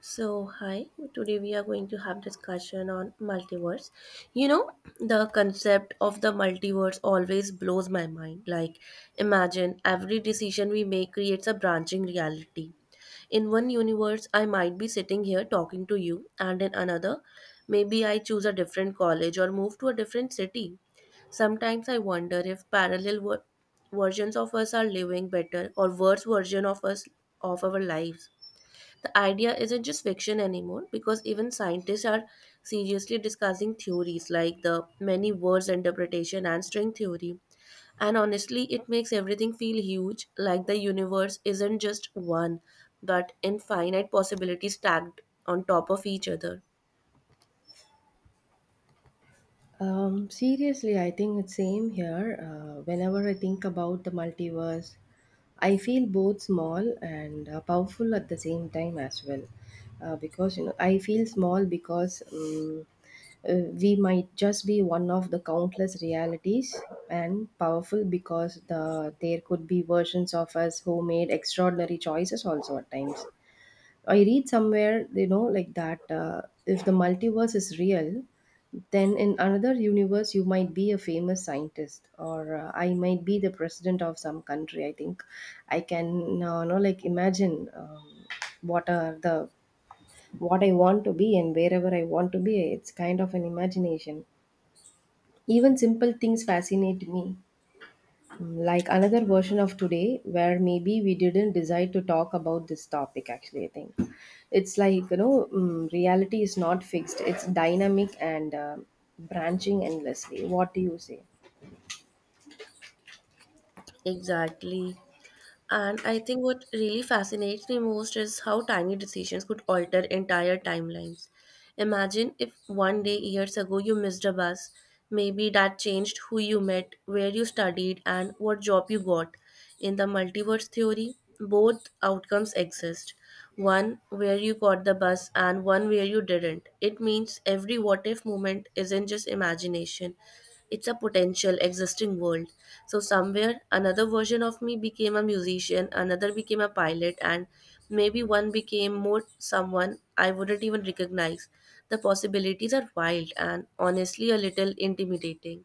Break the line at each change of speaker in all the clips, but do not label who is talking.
So, hi. Today we are going to have discussion on multiverse. You know, the concept of the multiverse always blows my mind. Like, imagine every decision we make creates a branching reality. In one universe, I might be sitting here talking to you, and in another, maybe I choose a different college or move to a different city. Sometimes I wonder if parallel versions of us are living better or worse version of us of our lives. The idea isn't just fiction anymore because even scientists are seriously discussing theories like the many words interpretation and string theory. And honestly, it makes everything feel huge, like the universe isn't just one, but infinite possibilities stacked on top of each other.
Seriously, I think it's same here. Whenever I think about the multiverse, I feel both small and powerful at the same time as well. Because I feel small because we might just be one of the countless realities, and powerful because there could be versions of us who made extraordinary choices also at times. I read somewhere, like that if the multiverse is real, then in another universe, you might be a famous scientist, or I might be the president of some country. I think I can, like, imagine what are the what I want to be and wherever I want to be. It's kind of an imagination. Even simple things fascinate me, like another version of today where maybe we didn't decide to talk about this topic. Actually, I think it's like, reality is not fixed. It's dynamic and branching endlessly. What do you say?
Exactly. And I think what really fascinates me most is how tiny decisions could alter entire timelines. Imagine if one day years ago you missed a bus. Maybe that changed who you met, where you studied, and what job you got. In the multiverse theory, both outcomes exist, one where you got the bus and one where you didn't. It means every what if moment isn't just imagination, it's a potential existing world. So, somewhere another version of me became a musician, another became a pilot, and maybe one became more someone I wouldn't even recognize. The possibilities are wild and honestly a little intimidating.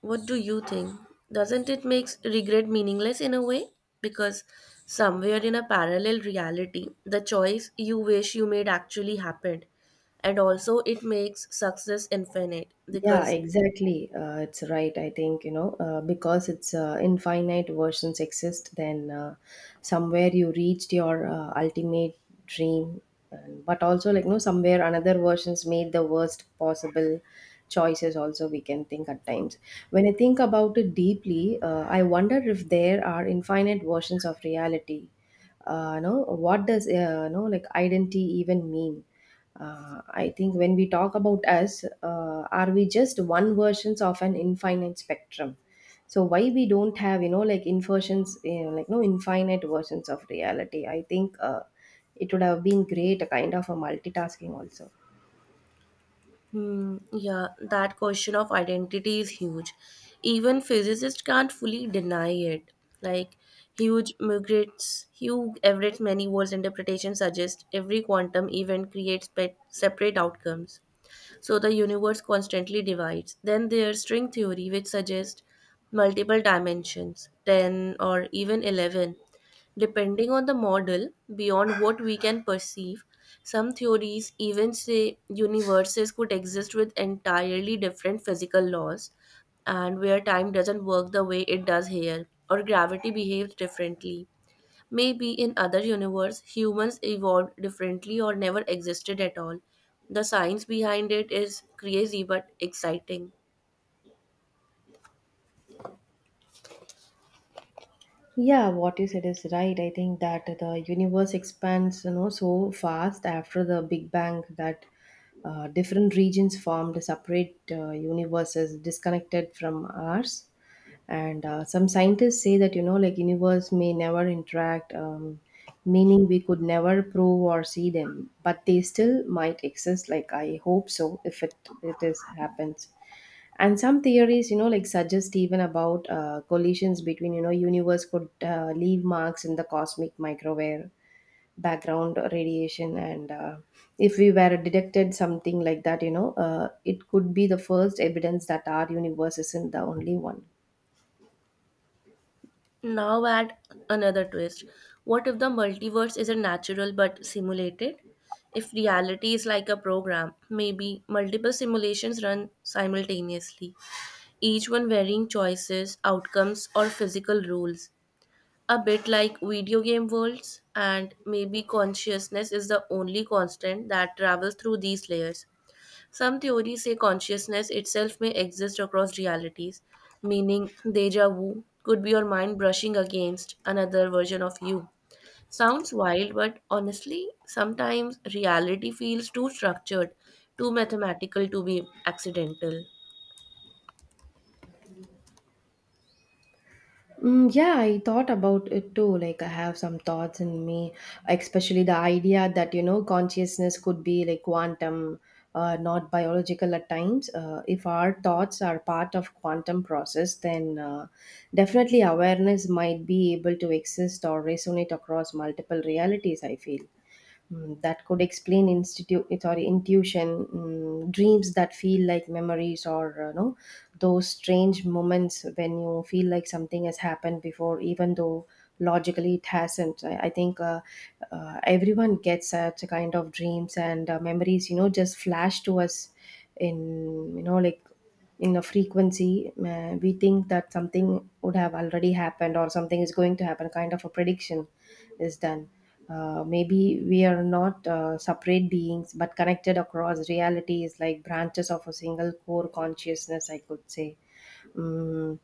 What do you think? Doesn't it make regret meaningless in a way? Because somewhere in a parallel reality, the choice you wish you made actually happened. And also, it makes success infinite
Yeah,
because…
exactly. It's right. I think, because it's infinite versions exist, then somewhere you reached your ultimate dream. And, but also, like, no, somewhere another versions made the worst possible choices, also, we can think at times. When I think about it deeply, I wonder if there are infinite versions of reality. No, what does, no, like, identity even mean? I think when we talk about us, are we just one versions of an infinite spectrum? So why we don't have, like, inversions, like, no, infinite versions of reality, I think. It would have been great, a kind of a multitasking also.
Hmm, yeah, that question of identity is huge. Even physicists can't fully deny it. Like huge migrates, Hugh Everett's many worlds interpretation suggests every quantum event creates separate outcomes. So the universe constantly divides. Then there's string theory, which suggests multiple dimensions, 10 or even 11. Depending on the model, beyond what we can perceive, some theories even say universes could exist with entirely different physical laws and where time doesn't work the way it does here or gravity behaves differently. Maybe in other universe humans evolved differently or never existed at all. The science behind it is crazy but exciting.
Yeah, what you said is right. I think that the universe expands, so fast after the Big Bang that different regions formed separate universes disconnected from ours. And some scientists say that, like, universe may never interact, meaning we could never prove or see them, but they still might exist. Like I hope so, if it is happens. And some theories, like, suggest even about collisions between, universe could leave marks in the cosmic microwave background radiation, and if we were detected something like that, it could be the first evidence that our universe isn't the only one.
Now add another twist. What if the multiverse isn't natural but simulated? If reality is like a program, maybe multiple simulations run simultaneously, each one varying choices, outcomes, or physical rules. A bit like video game worlds, and maybe consciousness is the only constant that travels through these layers. Some theories say consciousness itself may exist across realities, meaning deja vu could be your mind brushing against another version of you. Sounds wild, but honestly, sometimes reality feels too structured, too mathematical to be accidental.
Mm, yeah, I thought about it too. Like, I have some thoughts in me, especially the idea that, consciousness could be like quantum, not biological at times. If our thoughts are part of quantum process, then definitely awareness might be able to exist or resonate across multiple realities, I feel. That could explain institute, sorry, intuition. Dreams that feel like memories or no, those strange moments when you feel like something has happened before, even though logically it hasn't. I think everyone gets such a kind of dreams and memories, just flash to us in, like, in a frequency. We think that something would have already happened or something is going to happen, kind of a prediction is done. Maybe we are not separate beings but connected across realities, like branches of a single core consciousness, I could say. Mm,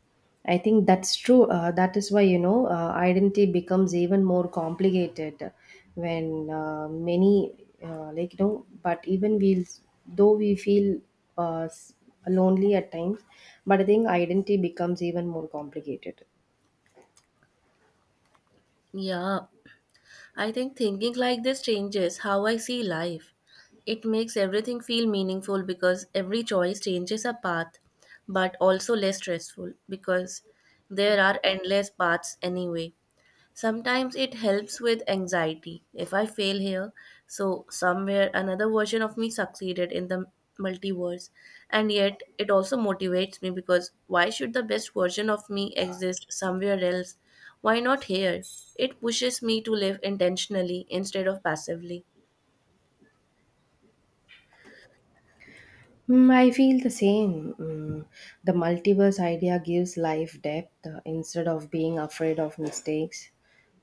I think that's true. That is why, identity becomes even more complicated when many, like, you know, but even we, though we feel uh, s- lonely at times, but I think identity becomes even more complicated.
Yeah, I think thinking like this changes how I see life. It makes everything feel meaningful because every choice changes a path, but also less stressful because there are endless paths anyway. Sometimes it helps with anxiety. If I fail here, so somewhere another version of me succeeded in the multiverse. And yet it also motivates me because why should the best version of me exist somewhere else? Why not here? It pushes me to live intentionally instead of passively.
Mm, I feel the same. Mm, the multiverse idea gives life depth, instead of being afraid of mistakes.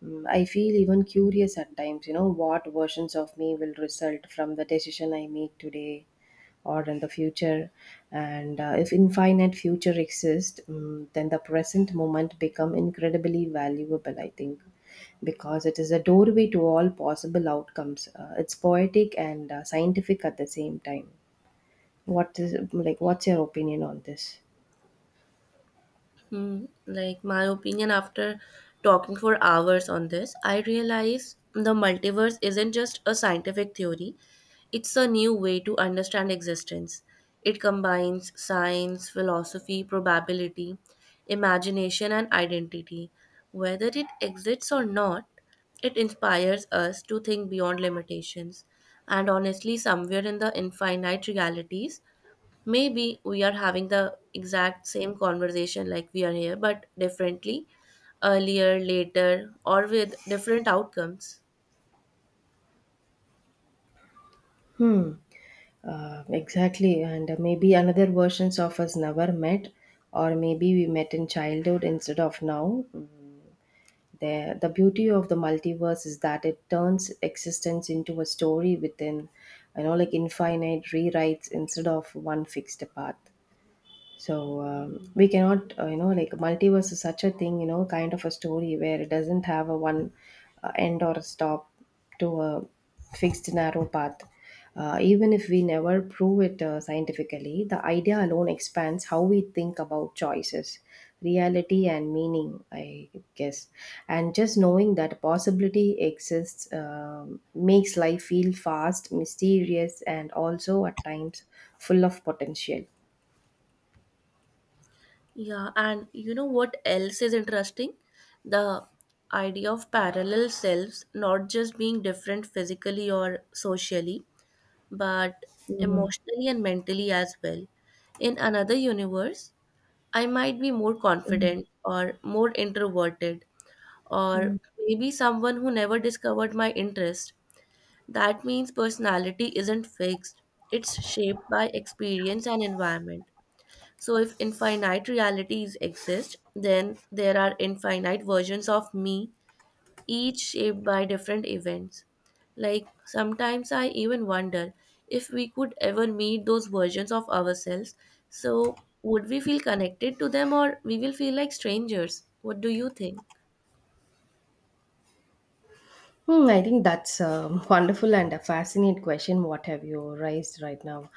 Mm, I feel even curious at times, you know what versions of me will result from the decision I make today or in the future. And if infinite future exists, then the present moment become incredibly valuable, I think, because it is a doorway to all possible outcomes. It's poetic and scientific at the same time. What is like What's your opinion on this?
Hmm, like my opinion after talking for hours on this, I realize the multiverse isn't just a scientific theory, it's a new way to understand existence. It combines science, philosophy, probability, imagination, and identity. Whether it exists or not, it inspires us to think beyond limitations. And honestly, somewhere in the infinite realities, maybe we are having the exact same conversation like we are here, but differently, earlier, later, or with different outcomes.
Hmm. Exactly, and maybe another versions of us never met, or maybe we met in childhood instead of now. The beauty of the multiverse is that it turns existence into a story within, you know, like infinite rewrites instead of one fixed path. So we cannot like, multiverse is such a thing, kind of a story where it doesn't have a one end or a stop to a fixed narrow path. Even if we never prove it scientifically, the idea alone expands how we think about choices, reality, and meaning, I guess. And just knowing that possibility exists makes life feel fast, mysterious, and also at times full of potential.
Yeah, and you know what else is interesting? The idea of parallel selves, not just being different physically or socially, but emotionally and mentally as well. In another universe, I might be more confident or more introverted, or maybe someone who never discovered my interest. That means personality isn't fixed, it's shaped by experience and environment. So, if infinite realities exist, then there are infinite versions of me, each shaped by different events. Like, sometimes I even wonder if we could ever meet those versions of ourselves. So, would we feel connected to them or we will feel like strangers? What do you think?
Hmm, I think that's a wonderful and a fascinating question. What have you raised right now?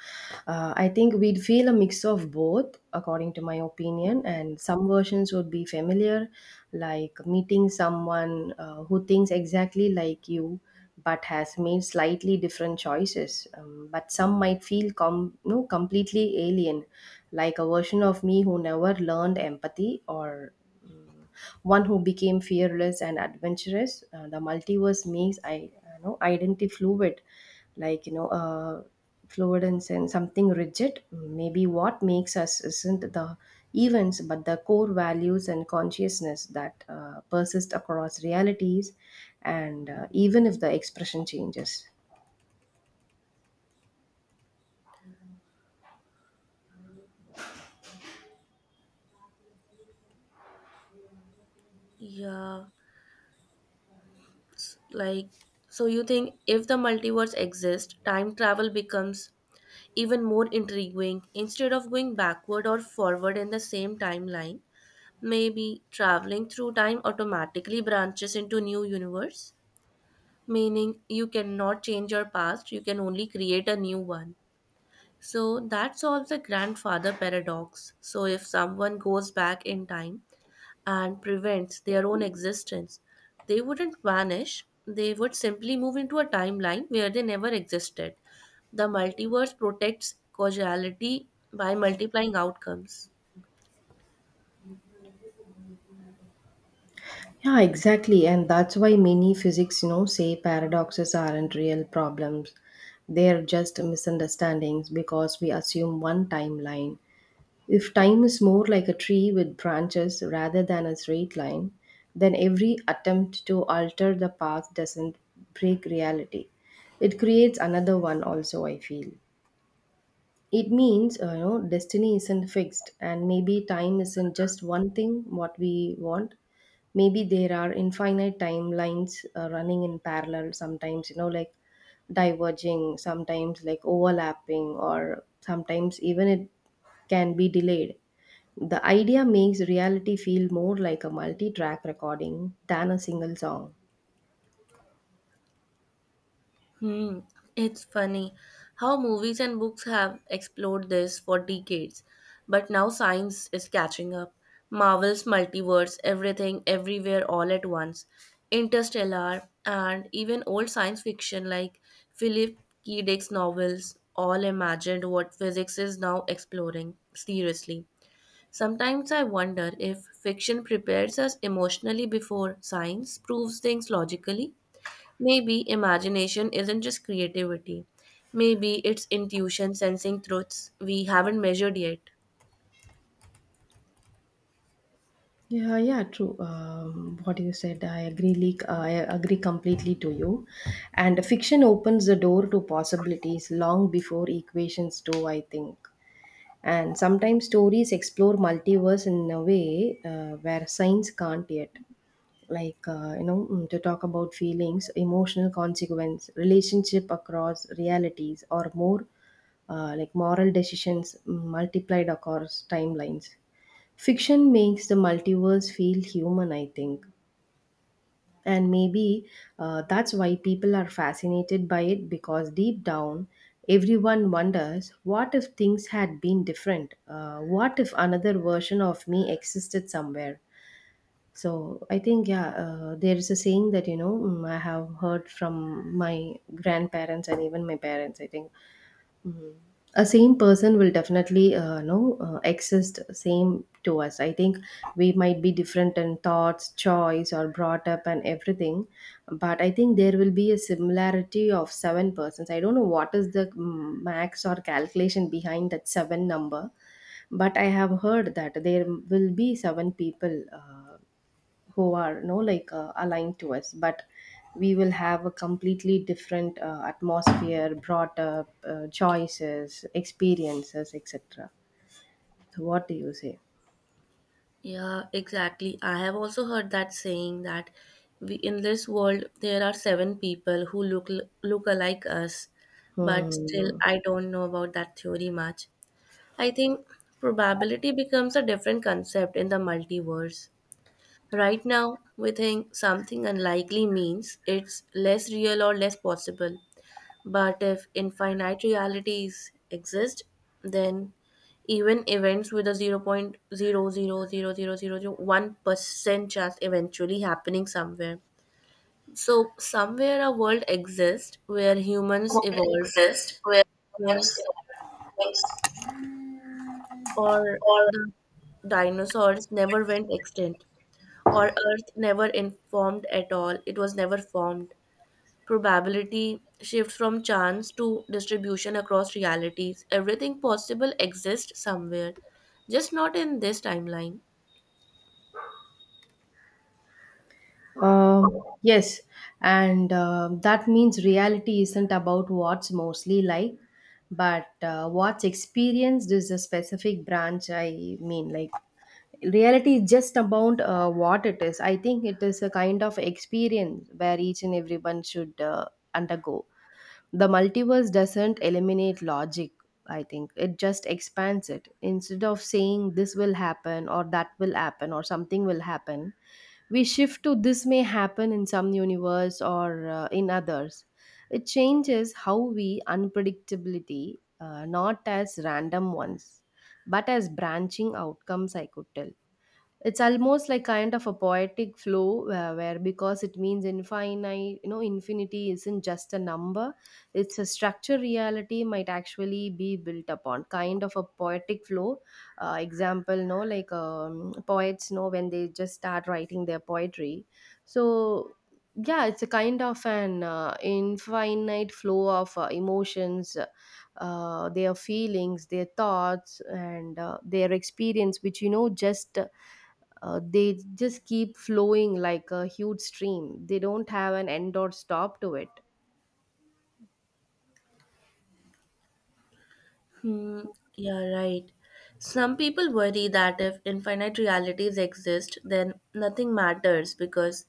I think we'd feel a mix of both, according to my opinion, and some versions would be familiar, like meeting someone who thinks exactly like you but has made slightly different choices. But some might feel no, completely alien, like a version of me who never learned empathy or one who became fearless and adventurous. The multiverse makes I you know identity fluid, like, fluid and sense something rigid. Maybe what makes us isn't the events, but the core values and consciousness that persist across realities, and even if the expression changes.
Yeah. Like, so you think if the multiverse exists, time travel becomes even more intriguing instead of going backward or forward in the same timeline? Maybe traveling through time automatically branches into new universe, meaning you cannot change your past, you can only create a new one. So that solves the grandfather paradox. So if someone goes back in time, and prevents their own existence. They wouldn't vanish, they would simply move into a timeline where they never existed. The multiverse protects causality by multiplying outcomes.
Yeah, exactly. And that's why many physics, you know, say paradoxes aren't real problems. They're just misunderstandings because we assume one timeline. If time is more like a tree with branches rather than a straight line, then every attempt to alter the path doesn't break reality. It creates another one, also, I feel. It means, destiny isn't fixed, and maybe time isn't just one thing what we want. Maybe there are infinite timelines running in parallel, sometimes, you know, like diverging, sometimes like overlapping, or sometimes even it can be delayed. The idea makes reality feel more like a multi track recording than a single song.
Hmm, it's funny how movies and books have explored this for decades, but now science is catching up. Marvel's multiverse, everything, everywhere, all at once, Interstellar, and even old science fiction like Philip K. Dick's novels all imagined what physics is now exploring seriously. Sometimes I wonder if fiction prepares us emotionally before science proves things logically. Maybe imagination isn't just creativity. Maybe it's intuition sensing truths we haven't measured yet.
Yeah, yeah, true. What you said, I agree. Like, I agree completely to you. And fiction opens the door to possibilities long before equations do, I think. And sometimes stories explore multiverse in a way where science can't yet. Like, to talk about feelings, emotional consequence, relationship across realities, or more like moral decisions, multiplied across timelines. Fiction makes the multiverse feel human, I think. And maybe that's why people are fascinated by it, because deep down, everyone wonders, what if things had been different? What if another version of me existed somewhere? So I think, yeah, there is a saying that, I have heard from my grandparents and even my parents, I think. Mhm. A same person will definitely, know, exist same to us. I think we might be different in thoughts, choice, or brought up and everything, but I think there will be a similarity of seven persons. I don't know what is the max or calculation behind that seven number, but I have heard that there will be seven people. Who are, no, like, aligned to us, but we will have a completely different atmosphere, brought up, choices, experiences, etc. So what do you say?
Yeah, exactly. I have also heard that saying that we in this world there are seven people who look look alike us, but still
Hmm.
I don't know about that theory much. I think probability becomes a different concept in the multiverse. Right now, we think something unlikely means it's less real or less possible. But if infinite realities exist, then even events with a 0.00000001% chance eventually happening somewhere. So, somewhere a world exists where humans evolved, wings, or the dinosaurs never went extinct, or Earth never informed at all, it was never formed. Probability shifts from chance to distribution across realities. Everything possible exists somewhere, just not in this timeline.
Um, yes, and that means reality isn't about what's mostly like, but what's experienced is a specific branch. I mean, like, reality is just about what it is. I think it is a kind of experience where each and everyone should undergo. The multiverse doesn't eliminate logic, I think. It just expands it. Instead of saying this will happen or that will happen or something will happen, we shift to this may happen in some universe or in others. It changes how we unpredictability, not as random ones, but as branching outcomes, I could tell. It's almost like kind of a poetic flow, where because it means infinite, you know, infinity isn't just a number. It's a structure reality might actually be built upon, kind of a poetic flow. Example, no, like, poets know when they just start writing their poetry, so yeah, it's a kind of an infinite flow of emotions. Their feelings, their thoughts, and their experience, which, you know, just they just keep flowing like a huge stream. They don't have an end or stop to it.
Hmm, yeah, right. Some people worry that if infinite realities exist, then nothing matters because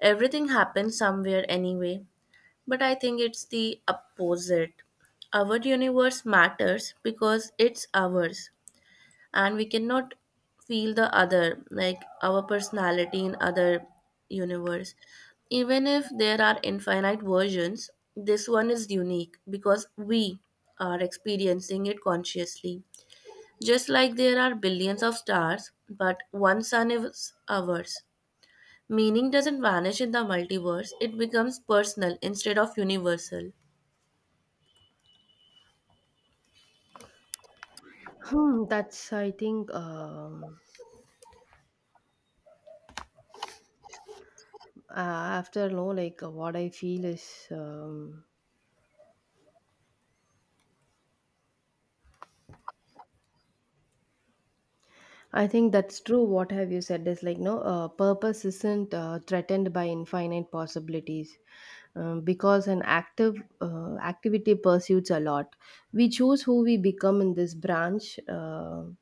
everything happens somewhere anyway. But I think it's the opposite. Our universe matters because it's ours. And we cannot feel the other like our personality in other universe. Even if there are infinite versions, this one is unique because we are experiencing it consciously. Just like there are billions of stars but one sun is ours, meaning doesn't vanish in the multiverse, it becomes personal instead of universal.
Hmm, that's I think, after, no, like, what I feel is, I think that's true. What have you said is like no purpose isn't threatened by infinite possibilities because an active activity pursues a lot. We choose who we become in this branch. um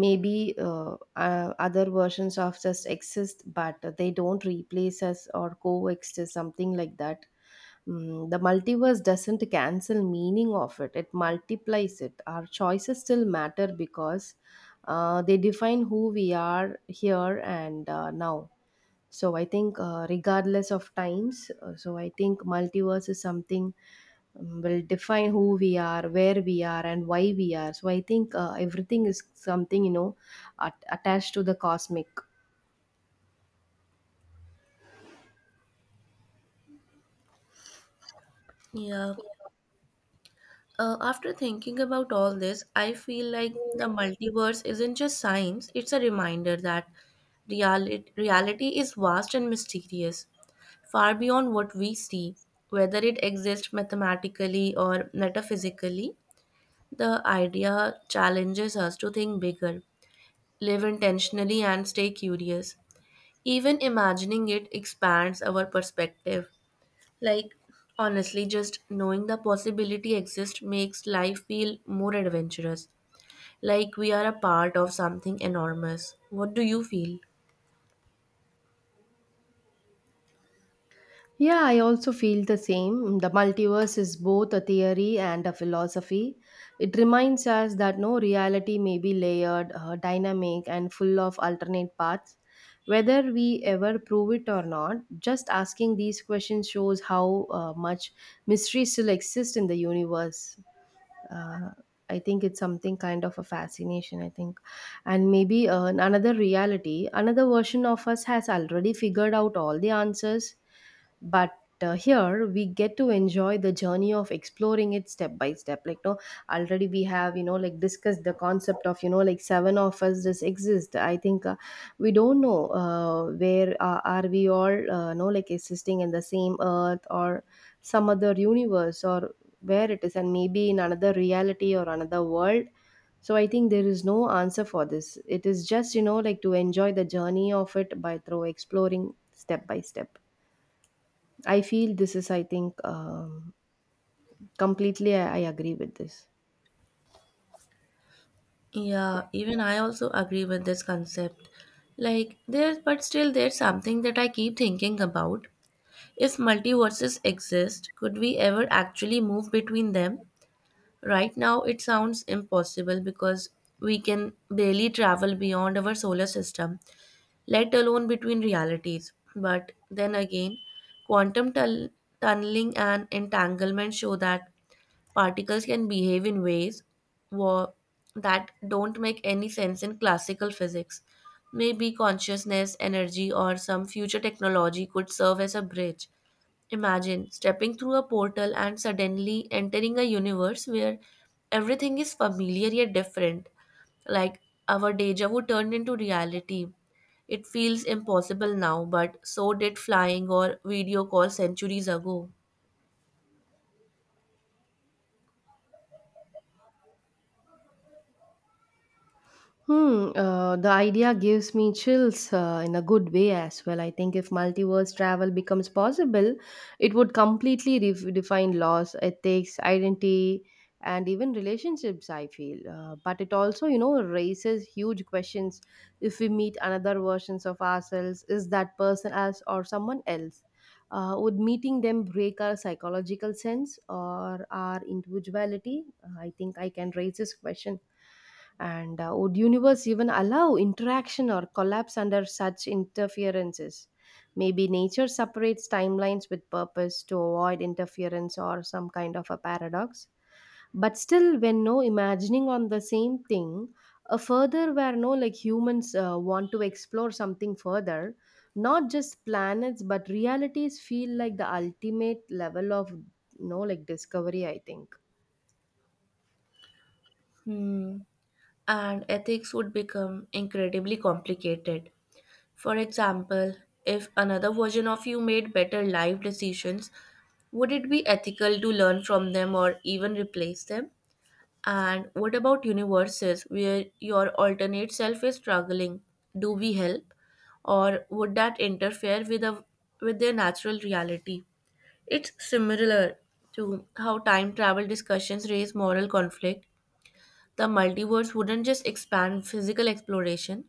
maybe uh, uh, other versions of just exist, but they don't replace us or coexist or something like that. Mm, the multiverse doesn't cancel meaning of it, it multiplies it. Our choices still matter because they define who we are here and now. So I think regardless of times, so I think multiverse is something, will define who we are, where we are, and why we are. So I think everything is something at- attached to the cosmic.
Yeah. After thinking about all this, I feel like the multiverse isn't just science, it's a reminder that reality is vast and mysterious, far beyond what we see, whether it exists mathematically or metaphysically. The idea challenges us to think bigger, live intentionally, and stay curious. Even imagining it expands our perspective, like, honestly, just knowing the possibility exists makes life feel more adventurous. Like we are a part of something enormous. What do you feel?
Yeah, I also feel the same. The multiverse is both a theory and a philosophy. It reminds us that no reality may be layered, dynamic, and full of alternate paths. Whether we ever prove it or not, just asking these questions shows how much mystery still exists in the universe. uh, I think it's something kind of a fascination, I think. And maybe another reality, another version of us has already figured out all the answers, but here we get to enjoy the journey of exploring it step by step. Like no, already we have, you know, like, discussed the concept of, you know, like, seven of us just exist. I think we don't know where are we all, no, like, existing in the same earth, or some other universe, or where it is, and maybe in another reality or another world. So I think there is no answer for this. It is just, you know, like, to enjoy the journey of it by through exploring step by step. I feel this is, I think, completely I agree with this.
Yeah, even I also agree with this concept. Like there but still there's something that I keep thinking about. If multiverses exist, could we ever actually move between them? Right now it sounds impossible because we can barely travel beyond our solar system, let alone between realities. But then again, quantum tunneling and entanglement show that particles can behave in ways wa- that don't make any sense in classical physics. Maybe consciousness, energy, or some future technology could serve as a bridge. Imagine stepping through a portal and suddenly entering a universe where everything is familiar yet different, like our deja vu turned into reality. It feels impossible now, but so did flying or video call centuries ago.
Hmm, the idea gives me chills in a good way as well. I think if multiverse travel becomes possible, it would completely re- define laws, ethics, identity, and even relationships, I feel. But it also, you know, raises huge questions. If we meet another versions of ourselves, is that person us or someone else? Would meeting them break our psychological sense or our individuality? I think I can raise this question. And would universe even allow interaction or collapse under such interferences? Maybe nature separates timelines with purpose to avoid interference or some kind of a paradox. But still, when no imagining on the same thing, a further where no, like, humans want to explore something further, not just planets but realities, feel like the ultimate level of, no, like, discovery, I think.
Hmm. And ethics would become incredibly complicated. For example, if another version of you made better life decisions, would it be ethical to learn from them or even replace them? And what about universes where your alternate self is struggling? Do we help? Or would that interfere with their natural reality? It's similar to how time travel discussions raise moral conflict. The multiverse wouldn't just expand physical exploration,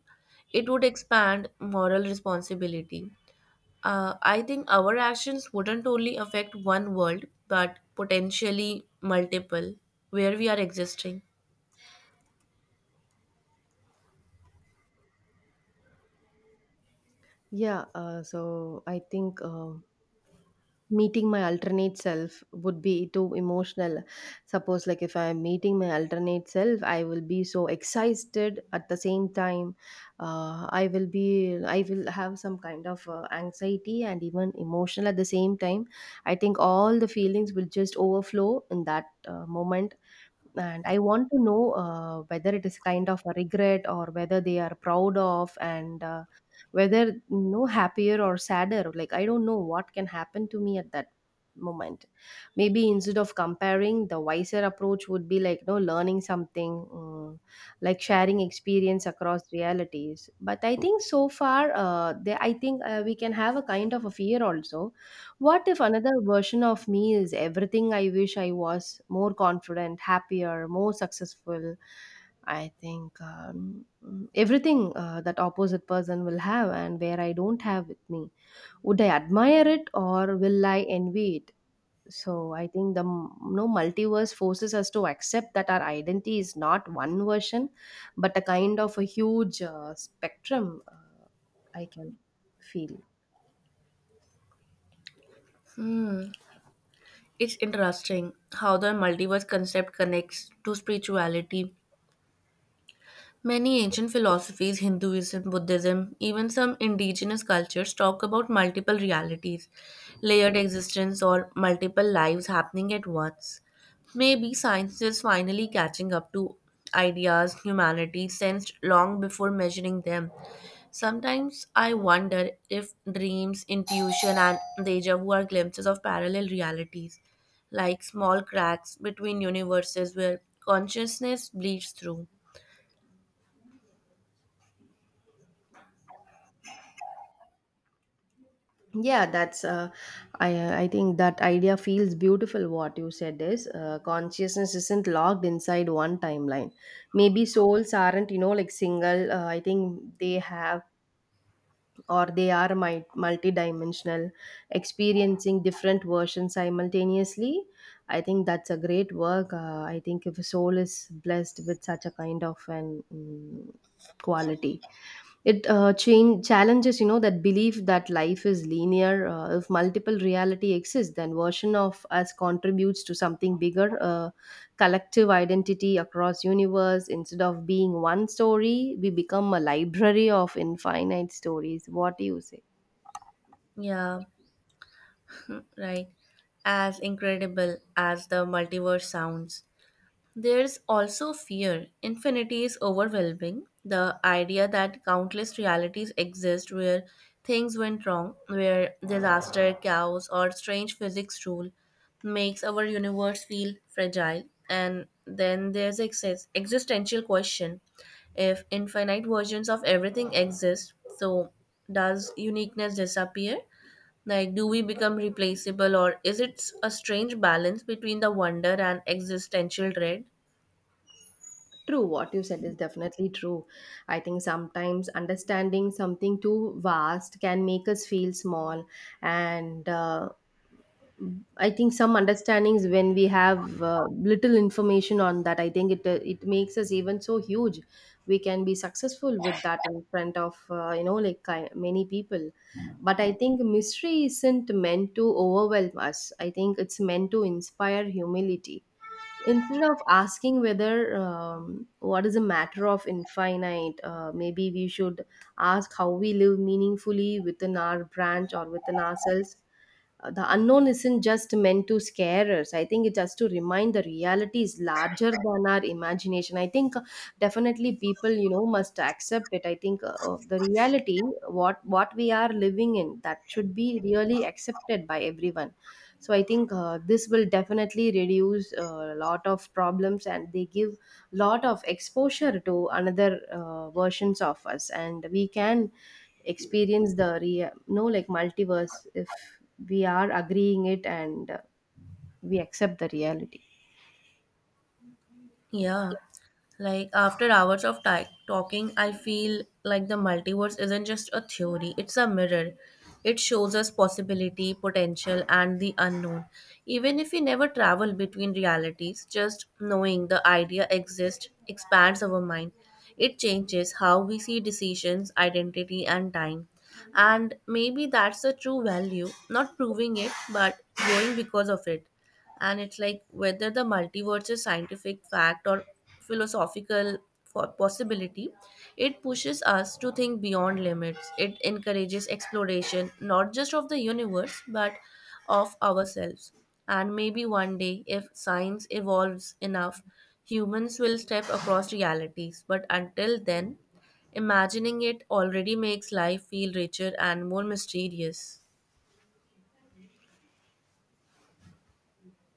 it would expand moral responsibility. I think our actions wouldn't only affect one world, but potentially multiple where we are existing.
Yeah, so I think meeting my alternate self would be too emotional. Suppose like if I am meeting my alternate self, I will be so excited. At the same time, I will have some kind of anxiety and even emotional at the same time. I think all the feelings will just overflow in that moment. And I want to know whether it is kind of a regret, or whether they are proud of, and whether, you know, happier or sadder. Like, I don't know what can happen to me at that moment. Maybe instead of comparing, the wiser approach would be like, you know, learning something, like, sharing experience across realities. But I think so far, I think we can have a kind of a fear also. What if another version of me is everything I wish I was, more confident, happier, more successful? I think, everything that opposite person will have and where I don't have with me. Would I admire it, or will I envy it? So I think the m- no multiverse forces us to accept that our identity is not one version, but a kind of a huge spectrum. I can feel.
Hmm. It's interesting how the multiverse concept connects to spirituality. Many ancient philosophies, Hinduism, Buddhism, even some indigenous cultures, talk about multiple realities, layered existence, or multiple lives happening at once. Maybe science is finally catching up to ideas humanity sensed long before measuring them. Sometimes I wonder if dreams, intuition, and deja vu are glimpses of parallel realities, like small cracks between universes where consciousness bleeds through.
Yeah, that's I think that idea feels beautiful. What you said is, consciousness isn't locked inside one timeline. Maybe souls aren't, you know, like, single. I think they have, or they are mi- multidimensional, experiencing different versions simultaneously. I think that's a great work. I think if a soul is blessed with such a kind of an, quality, it chain challenges, you know, that belief that life is linear. If multiple reality exists, then version of us contributes to something bigger, collective identity across universe. Instead of being one story, we become a library of infinite stories. What do you say?
Yeah, right? As incredible as the multiverse sounds, there's also fear. Infinity is overwhelming. The idea that countless realities exist where things went wrong, where disaster, chaos, or strange physics rule makes our universe feel fragile. And then there's existential question, if infinite versions of everything exist, so does uniqueness disappear? Like, do we become replaceable, or is it a strange balance between the wonder and existential dread?
True, what you said is definitely true. I think sometimes understanding something too vast can make us feel small, and I think some understandings, when we have little information on that, I think it it makes us even so huge. We can be successful with that in front of, you know, like, ki- many people, but I think mystery isn't meant to overwhelm us. I think it's meant to inspire humility. Instead of asking whether, what is a matter of infinite, maybe we should ask how we live meaningfully within our branch or within ourselves. The unknown isn't just meant to scare us. I think it's just to remind the reality is larger than our imagination. I think definitely people, you know, must accept it. I think the reality, what we are living in, that should be really accepted by everyone. So I think this will definitely reduce a lot of problems, and they give lot of exposure to another versions of us, and we can experience the real, no, like, multiverse if we are agreeing it, and we accept the reality.
Yeah. Like after hours of talking, I feel like the multiverse isn't just a theory, it's a mirror. It shows us possibility, potential, and the unknown. Even if we never travel between realities, just knowing the idea exists expands our mind. It changes how we see decisions, identity, and time. And maybe that's the true value, not proving it, but growing because of it. And it's like whether the multiverse is scientific fact or philosophical for possibility, it pushes us to think beyond limits. It encourages exploration not just of the universe but of ourselves. And maybe one day if science evolves enough, humans will step across realities, but until then, imagining it already makes life feel richer and more mysterious.